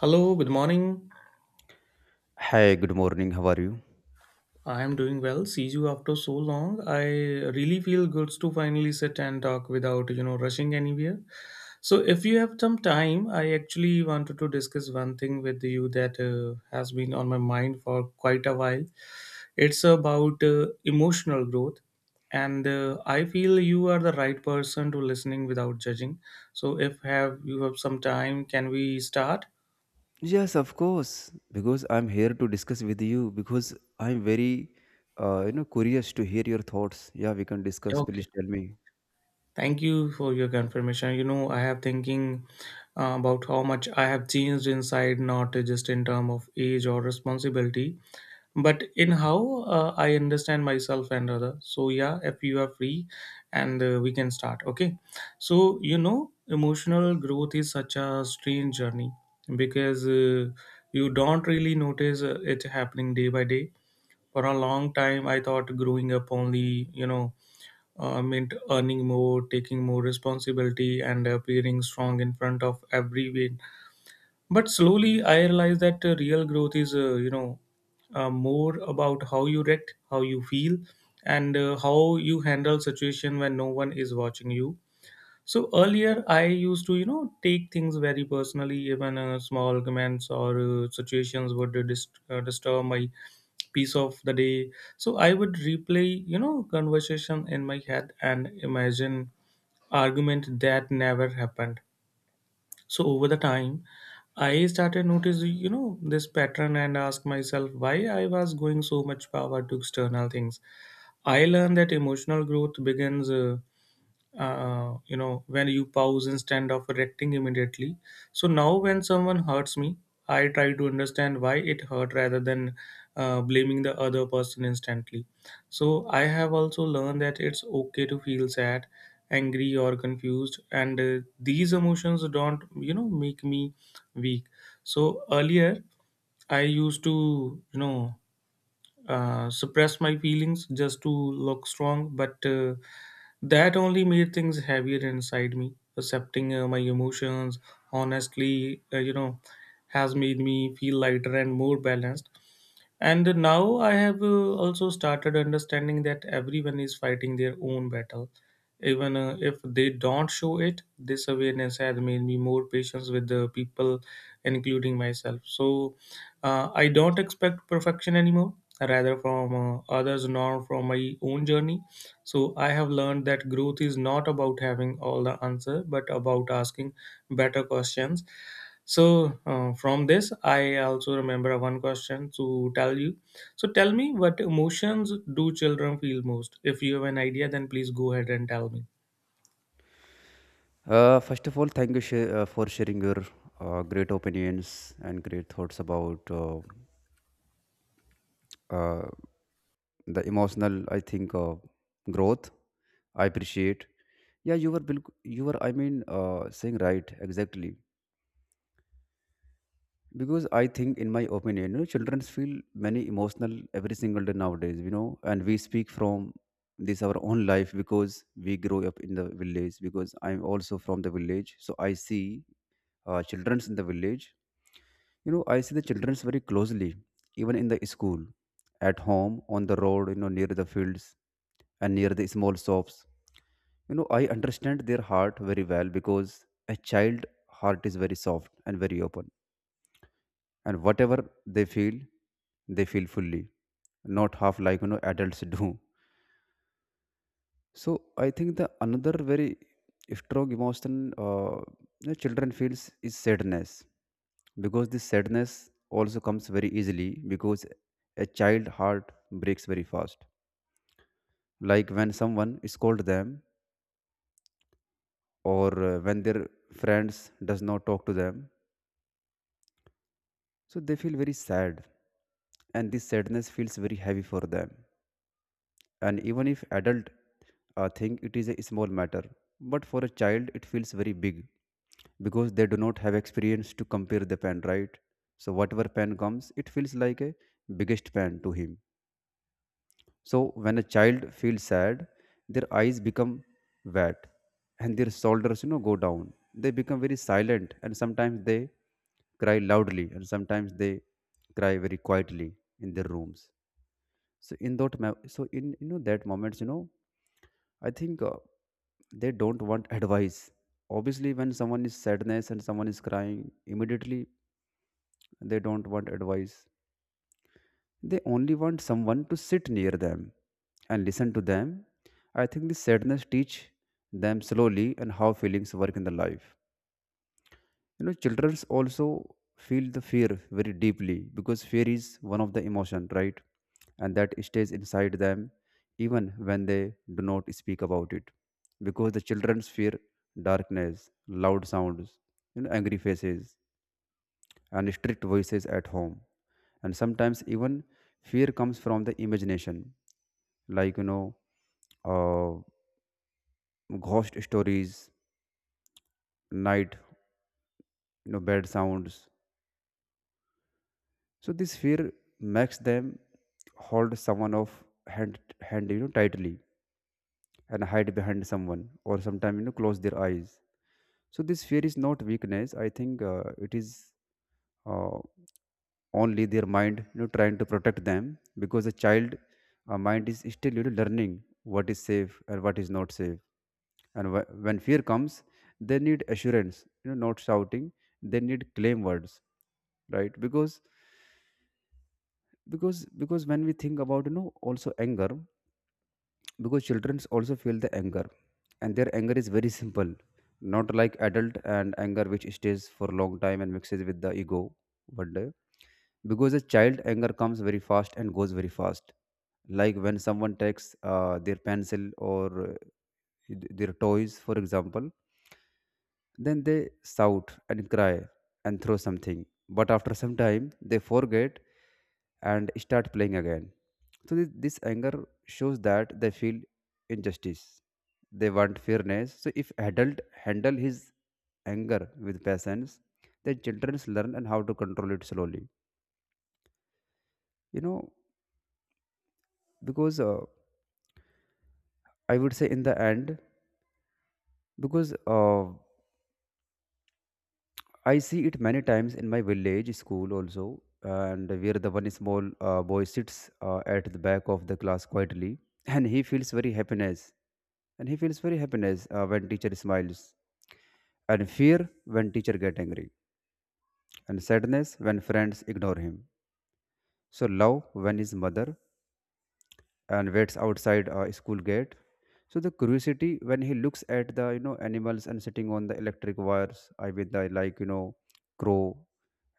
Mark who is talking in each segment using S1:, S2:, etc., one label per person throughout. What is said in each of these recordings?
S1: Hello, good morning.
S2: Hi, good morning. How are you?
S1: I am doing well. See you after so long. I really feel good to finally sit and talk without, rushing anywhere. So, if you have some time, I actually wanted to discuss one thing with you that has been on my mind for quite a while. It's about emotional growth and I feel you are the right person to listening without judging. So, if have you have some time, can we start?
S2: Yes, of course. Because I'm here to discuss with you because I'm very curious to hear your thoughts. Yeah, we can discuss.
S1: Okay.
S2: Please tell me.
S1: Thank you for your confirmation. I have thinking about how much I have changed inside, not just in term of age or responsibility, but in how I understand myself and other. So yeah, if you are free, and we can start. Okay, so emotional
S2: Yes.
S1: growth is such a strange journey because you don't really notice it happening day by day. For a long time, I thought growing up only, meant earning more, taking more responsibility, and appearing strong in front of everyone. But slowly, I realized that real growth is, more about how you react, how you feel, and how you handle situation when no one is watching you. So earlier, I used to, take things very personally. Even small comments or situations would disturb my piece of the day. So I would replay conversation in my head and imagine argument that never happened. So over the time, I started notice, this pattern and ask myself why I was going so much power to external things. I learned that emotional growth begins when you pause instead of reacting immediately. So now when someone hurts me, I try to understand why it hurt rather than blaming the other person instantly. So I have also learned that it's okay to feel sad, angry, or confused, and these emotions don't make me weak. So earlier, I used to suppressed my feelings just to look strong, but that only made things heavier inside me. Accepting my emotions honestly, has made me feel lighter and more balanced. And now I have also started understanding that everyone is fighting their own battle. Even if they don't show it, this awareness has made me more patient with the people, including myself. So I don't expect perfection anymore, rather from others nor from my own journey. So I have learned that growth is not about having all the answer, but about asking better questions. So from this, I also remember one question to tell you. So tell me, what emotions do children feel most? If you have an idea, then please go ahead and tell me.
S2: First of all, thank you for sharing your great opinions and great thoughts about uh, the emotional, I think, growth. I appreciate. Yeah, you were. Saying right exactly. Because I think in my opinion, children feel many emotional every single day nowadays, and we speak from this our own life because we grow up in the village. Because I'm also from the village, so I see children's in the village. I see the children's very closely, even in the school, at home, on the road, near the fields and near the small shops. I understand their heart very well because a child heart is very soft and very open, and whatever they feel, they feel fully, not half like, adults do. So I think the another very strong emotion, uh, children feels is sadness, because this sadness also comes very easily because a child heart breaks very fast, like when someone scold them, or when their friends does not talk to them. So they feel very sad, and this sadness feels very heavy for them. And even if adult think it is a small matter, but for a child it feels very big, because they do not have experience to compare the pen, right? So whatever pen comes, it feels like a biggest pen to him. So when a child feels sad, their eyes become wet and their shoulders, go down. They become very silent, and sometimes they cry loudly, and sometimes they cry very quietly in their rooms. So in so in, that moments, I think they don't want advice. Obviously, when someone is sadness and someone is crying, immediately they don't want advice. They only want someone to sit near them and listen to them. I think the sadness teach them slowly and how feelings work in the life. You know, children also feel the fear very deeply, because fear is one of the emotion, right? And that stays inside them even when they do not speak about it, because the children's fear darkness, loud sounds, angry faces and strict voices at home. And sometimes even fear comes from the imagination, like, uh, ghost stories, night, bad sounds. So this fear makes them hold someone of hand, tightly, and hide behind someone, or sometimes, close their eyes. So this fear is not weakness. I think it is uh, only their mind, trying to protect them, because a child mind is still, learning what is safe and what is not safe. And when fear comes, they need assurance. You know, not shouting. They need claim words, right? Because when we think about, also anger, because children also feel the anger, and their anger is very simple, not like adult and anger which stays for a long time and mixes with the ego one day. Because a child anger comes very fast and goes very fast, like when someone takes their pencil, or their toys, for example, then they shout and cry and throw something. But after some time, they forget and start playing again. So, this anger shows that they feel injustice. They want fairness. So, if adult handle his anger with patience, then children learn and how to control it slowly. You know, because I would say in the end, because I see it many times in my village school also, and where the one small boy sits at the back of the class quietly, and he feels very happiness, and he feels very happiness when teacher smiles, and fear when teacher get angry, and sadness when friends ignore him. So love when his mother and waits outside school gate. So the curiosity when he looks at the, animals and sitting on the electric wires, I mean the like, crow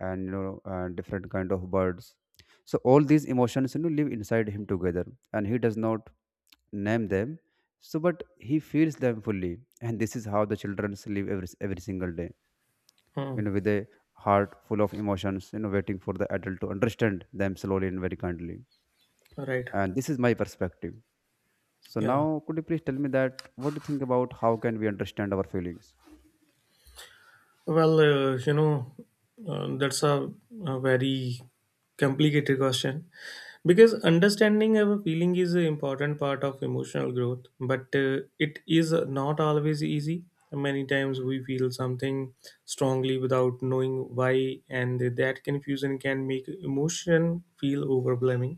S2: and, different kind of birds. So all these emotions, live inside him together, and he does not name them. So but he feels them fully, and this is how the children live every single day,
S1: Hmm.
S2: with a heart full of emotions, waiting for the adult to understand them slowly and very kindly.
S1: Right.
S2: And this is my perspective. So
S1: Yeah.
S2: now could you please tell me that what do you think about how can we understand our feelings?
S1: Well, that's a very complicated question. Because understanding our feeling is an important part of emotional growth, but it is not always easy. Many times we feel something strongly without knowing why, and that confusion can make emotion feel overwhelming.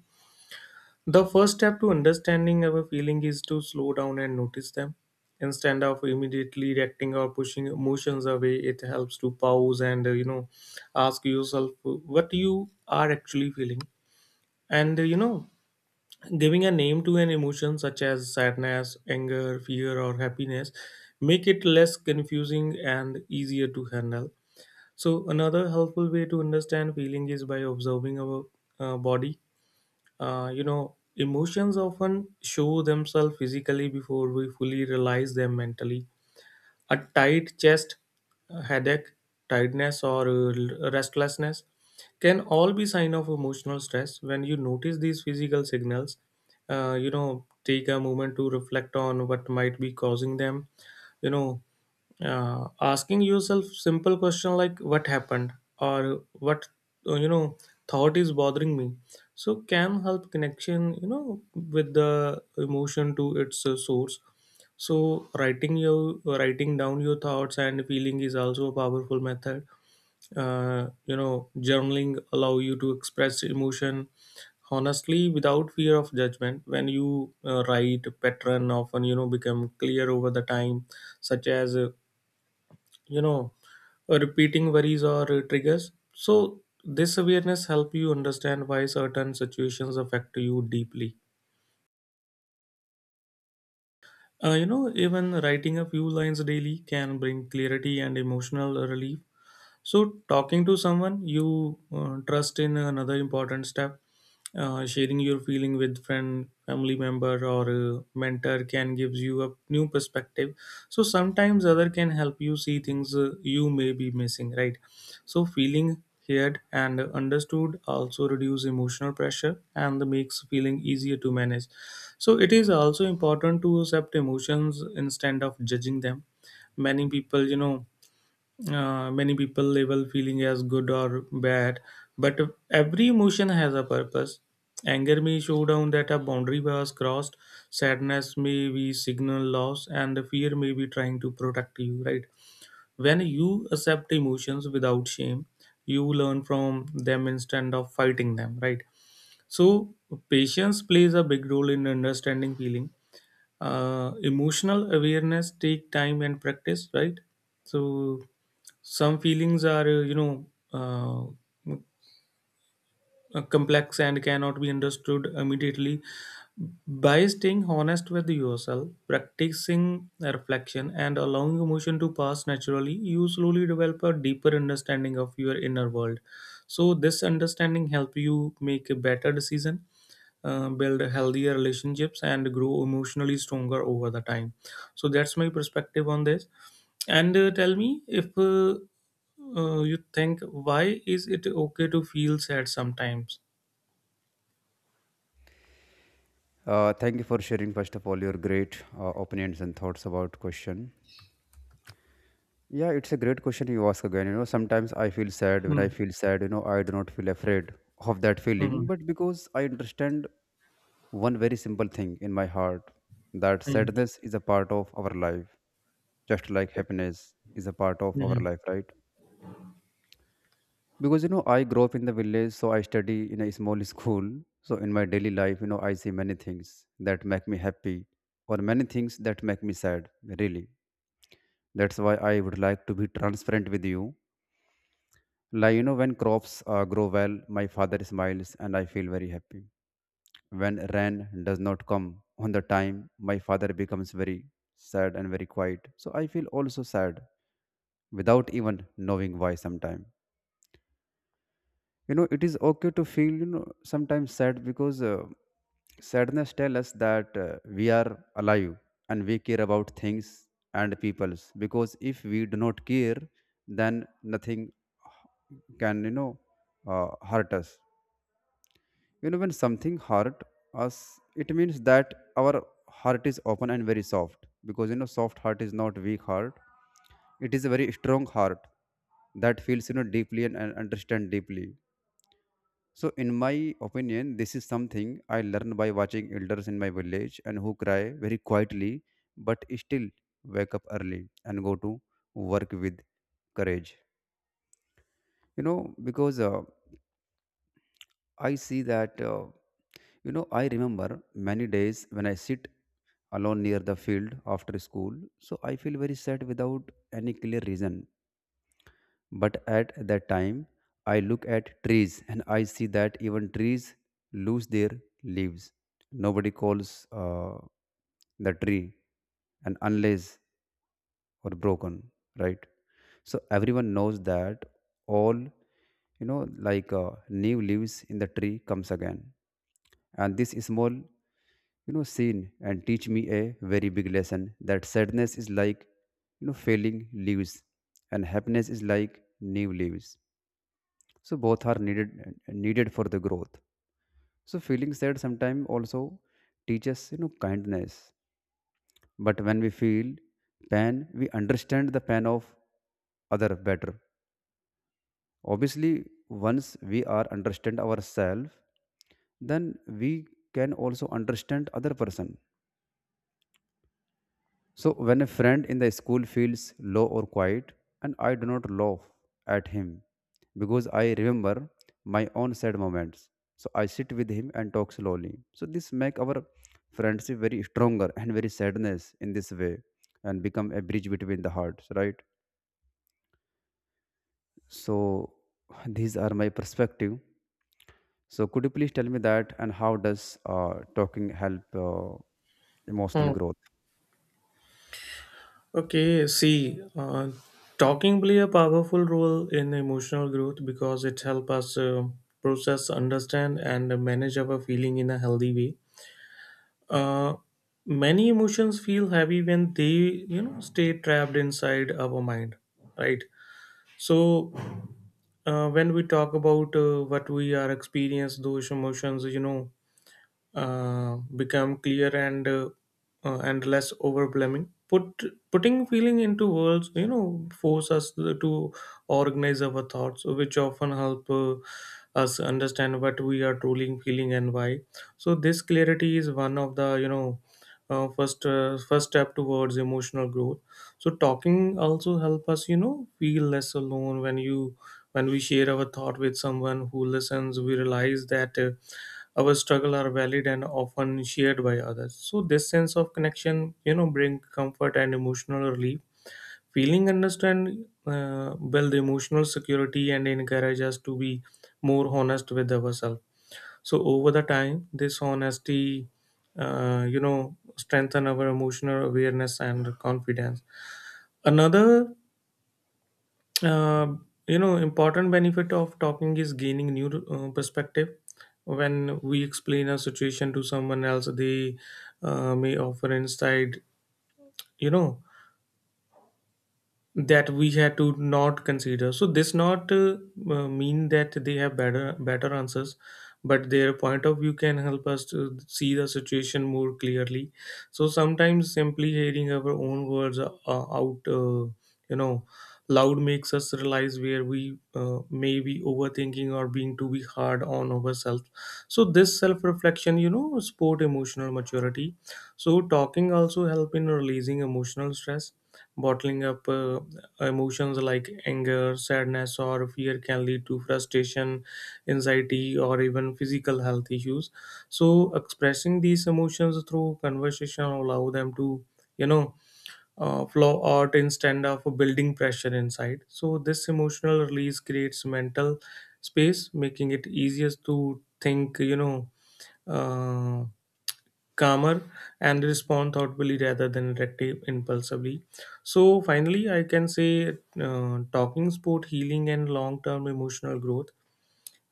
S1: The first step to understanding our feeling is to slow down and notice them. Instead of immediately reacting or pushing emotions away, it helps to pause and ask yourself what you are actually feeling. And giving a name to an emotion such as sadness, anger, fear, or happiness make it less confusing and easier to handle. So another helpful way to understand feeling is by observing our body. Emotions often show themselves physically before we fully realize them mentally. A tight chest, headache, tiredness, or restlessness can all be sign of emotional stress. When you notice these physical signals, take a moment to reflect on what might be causing them. You know, Asking yourself simple question like what happened or what uh, you know thought is bothering me so can help connection with the emotion to its source. So writing down your thoughts and feeling is also a powerful method. Journaling allow you to express emotion honestly without fear of judgment. When you write, pattern often become clear over the time, such as you know repeating worries or triggers. So this awareness help you understand why certain situations affect you deeply. Even writing a few lines daily can bring clarity and emotional relief. So, talking to someone you trust in another important step. Sharing your feeling with friend, family member, or mentor can gives you a new perspective. So sometimes other can help you see things you may be missing, right? So feeling heard and understood also reduce emotional pressure and makes feeling easier to manage. So it is also important to accept emotions instead of judging them. Many people, you know many people label feeling as good or bad, but every emotion has a purpose. Anger may show down that a boundary was crossed, sadness may be signal loss, and fear may be trying to protect you, right? When you accept emotions without shame, you learn from them instead of fighting them, right? So, patience plays a big role in understanding feeling. Emotional awareness take time and practice, right? So some feelings are uh, complex and cannot be understood immediately. By staying honest with yourself, practicing reflection, and allowing emotion to pass naturally, you slowly develop a deeper understanding of your inner world. So this understanding help you make a better decision, build healthier relationships, and grow emotionally stronger over the time. So that's my perspective on this. And tell me if you think, why is it okay to feel sad sometimes?
S2: Uh, thank you for sharing first of all your great opinions and thoughts about question. Yeah, it's a great question you ask again. You know, sometimes I feel sad. When I
S1: Hmm.
S2: feel sad, I do not feel afraid of that feeling,
S1: Mhm.
S2: but because I understand one very simple thing in my heart that
S1: Hmm.
S2: sadness is a part of our life, just like
S1: Okay.
S2: happiness is a part of our
S1: Mhm.
S2: life, right? Because, I grew up in the village, so I study in a small school. So in my daily life, I see many things that make me happy, or many things that make me sad, really. That's why I would like to be transparent with you. Like, when crops grow well, my father smiles and I feel very happy. When rain does not come on the time, my father becomes very sad and very quiet. So I feel also sad without even knowing why sometimes. You know, it is okay to feel, sometimes sad, because sadness tells us that we are alive and we care about things and peoples. Because if we do not care, then nothing can, hurt us. You know, when something hurt us, it means that our heart is open and very soft. Because, soft heart is not weak heart. It is a very strong heart that feels, deeply and, understand deeply. So, in my opinion, this is something I learned by watching elders in my village and who cry very quietly, but still wake up early and go to work with courage. You know, because I see that. You know, I remember many days when I sit alone near the field after school, so I feel very sad without any clear reason. But at that time, I look at trees and I see that even trees lose their leaves. Nobody calls the tree, and unless or broken, right? So everyone knows that all, you know like new leaves in the tree comes again. And this small, scene and teach me a very big lesson, that sadness is like, failing leaves, and happiness is like new leaves. So both are needed for the growth. So feeling sad sometimes also teaches, kindness, but when we feel pain, we understand the pain of other better. Obviously, once we are understand ourselves, then we can also understand other person. So when a friend in the school feels low or quiet, and I do not laugh at him because I remember my own sad moments. So I sit with him and talk slowly. So this make our friendship very stronger and very sadness in this way and become a bridge between the hearts, right? So these are my perspective. So could you please tell me that and how does talking help emotional
S1: Hmm.
S2: growth?
S1: Okay, see, talking play a powerful role in emotional growth because it helps us process, understand, and manage our feeling in a healthy way. Uh, Many emotions feel heavy when they, stay trapped inside our mind, right? So, when we talk about what we are experiencing, those emotions become clear and and less overwhelming. Putting feeling into words force us to organize our thoughts, which often help us understand what we are truly feeling and why. So this clarity is one of the first step towards emotional growth. So talking also help us feel less alone. When you when we share our thought with someone who listens, we realize that our struggle are valid and often shared by others. So this sense of connection bring comfort and emotional relief. Feeling understand build emotional security and encourage us to be more honest with ourselves. So over the time, this honesty strengthen our emotional awareness and confidence. Another uh, important benefit of talking is gaining new perspective. When we explain a situation to someone else, they may offer insight. You know, that we had to not consider. So this not mean that they have better answers, but their point of view can help us to see the situation more clearly. So sometimes simply hearing our own words out, you know, loud makes us realize where we may be overthinking or being too be hard on ourselves. So this self reflection support emotional maturity. So talking also help in releasing emotional stress. Bottling up emotions like anger, sadness, or fear can lead to frustration, anxiety, or even physical health issues. So, expressing these emotions through conversation allow them to, you know, flow out instead of building pressure inside. So, this emotional release creates mental space, making it easier to think, uh, calmer and respond thoughtfully rather than reactive impulsively. So finally I can say talking sport healing and long-term emotional growth.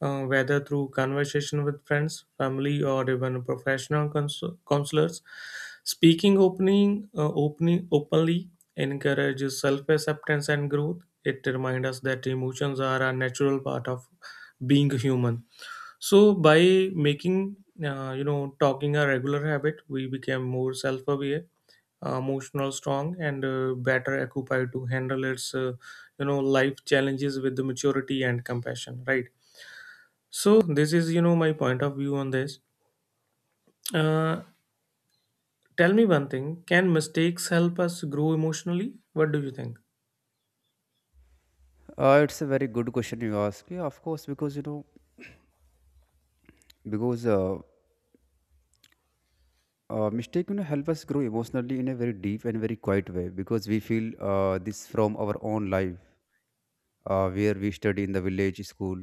S1: Whether through conversation with friends, family, or even professional counselors, speaking opening opening openly encourages self-acceptance and growth. It reminds us that emotions are a natural part of being human. So by making talking a regular habit, we became more self-aware, emotional strong, and better occupied to handle its life challenges with the maturity and compassion. Right. So this is my point of view on this. Uh, Tell me one thing: can mistakes help us grow emotionally? What do you think?
S2: It's a very good question you ask. Yeah, of course, because, because uh, mistake, help us grow emotionally in a very deep and very quiet way, because we feel this from our own life where we study in the village school.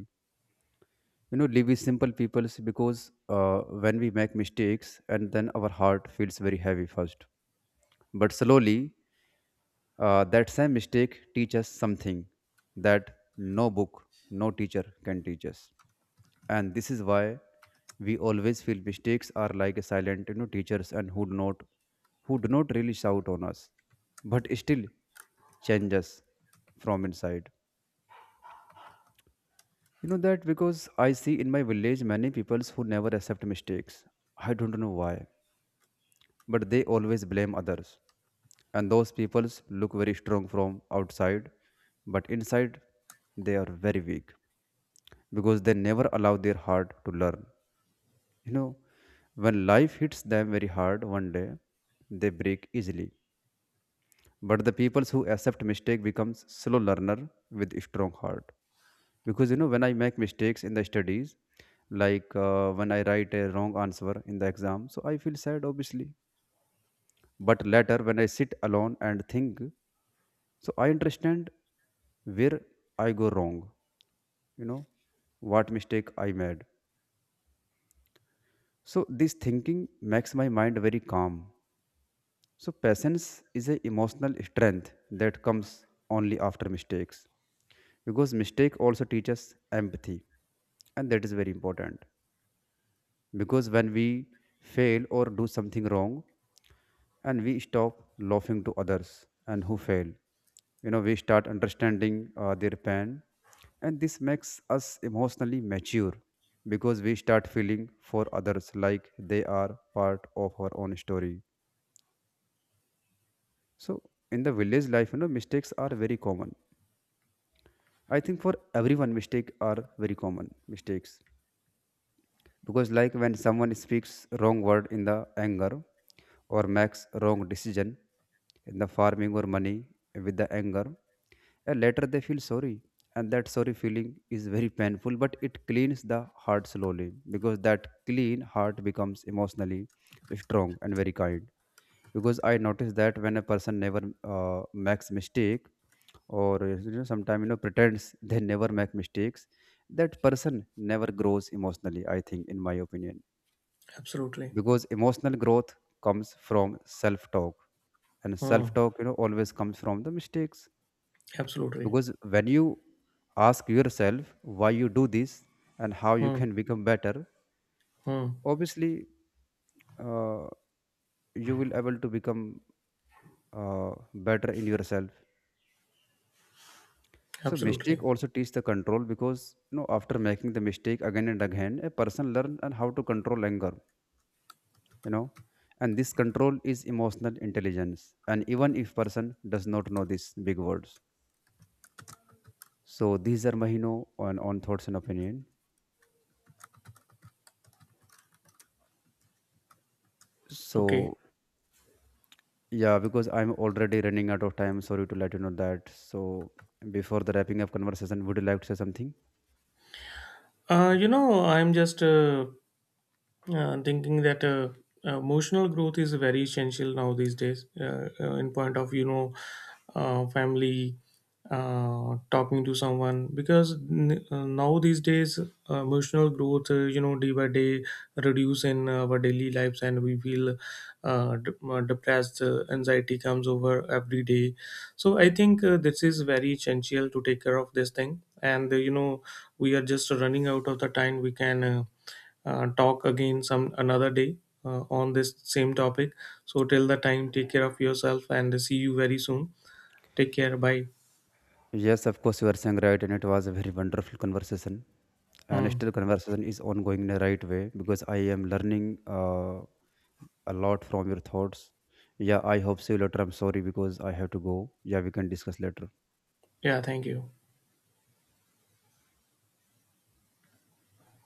S2: You know, live with simple people because when we make mistakes and then our heart feels very heavy first, but slowly that same mistake teaches something that no book, no teacher can teach us. And this is why we always feel mistakes are like a silent, teachers and who do not really shout on us, but still change us from inside. You know that because I see in my village many peoples who never accept mistakes. I don't know why, but they always blame others. And those peoples look very strong from outside, but inside they are very weak because they never allow their heart to learn. You know, when life hits them very hard one day, they break easily. But the peoples who accept mistake becomes slow learner with strong heart. Because, when I make mistakes in the studies, like when I write a wrong answer in the exam, so I feel sad, obviously. But later, when I sit alone and think, so I understand where I go wrong, you know, what mistake I made. So this thinking makes my mind very calm. So patience is a emotional strength that comes only after mistakes, because mistake also teaches empathy, and that is very important, because when we fail or do something wrong, and we stop laughing to others and who fail, we start understanding their pain, and this makes us emotionally mature, because we start feeling for others like they are part of our own story. So in the village life, mistakes are very common. I think for everyone mistake are very common mistakes, because like when someone speaks wrong word in the anger, or makes wrong decision in the farming or money with the anger, and later they feel sorry. And that sorry feeling is very painful, but it cleans the heart slowly, because that clean heart becomes emotionally strong and very kind. Because I notice that when a person never makes mistake, or, you know sometimes you know pretends they never make mistakes, that person never grows emotionally, I think in my opinion,
S1: Absolutely.
S2: because emotional growth comes from self talk, and
S1: Hmm.
S2: self talk, always comes from the mistakes.
S1: Absolutely.
S2: Because when you ask yourself why you do this and how you
S1: Hmm.
S2: can become better,
S1: Hmm.
S2: obviously uh, you will able to become uh, better in yourself. So
S1: Absolutely.
S2: mistake also teach the control, because, after making the mistake again and again, a person learn and how to control anger. You know, and this control is emotional intelligence. And even if person does not know these big words, so these are my, on thoughts and opinion.
S1: Okay.
S2: So yeah, because I'm already running out of time. Sorry to let you know that. So before the wrapping up conversation, would you like to say something?
S1: I'm just I'm thinking that emotional growth is very essential now these days in point of family, talking to someone because now these days emotional growth day by day reduce in our daily lives and we feel depressed, anxiety comes over every day. So I think this is very essential to take care of this thing. And we are just running out of the time. We can talk again some another day on this same topic. So till the time, take care of yourself and see you very soon. Take care. Bye.
S2: Yes, of course you are saying right, and it was a very wonderful conversation. And
S1: Mm.
S2: still conversation is ongoing in a right way, because I am learning a lot from your thoughts. Yeah, I hope see you later. I'm sorry because I have to go. Yeah, we can discuss later.
S1: Yeah. Thank you.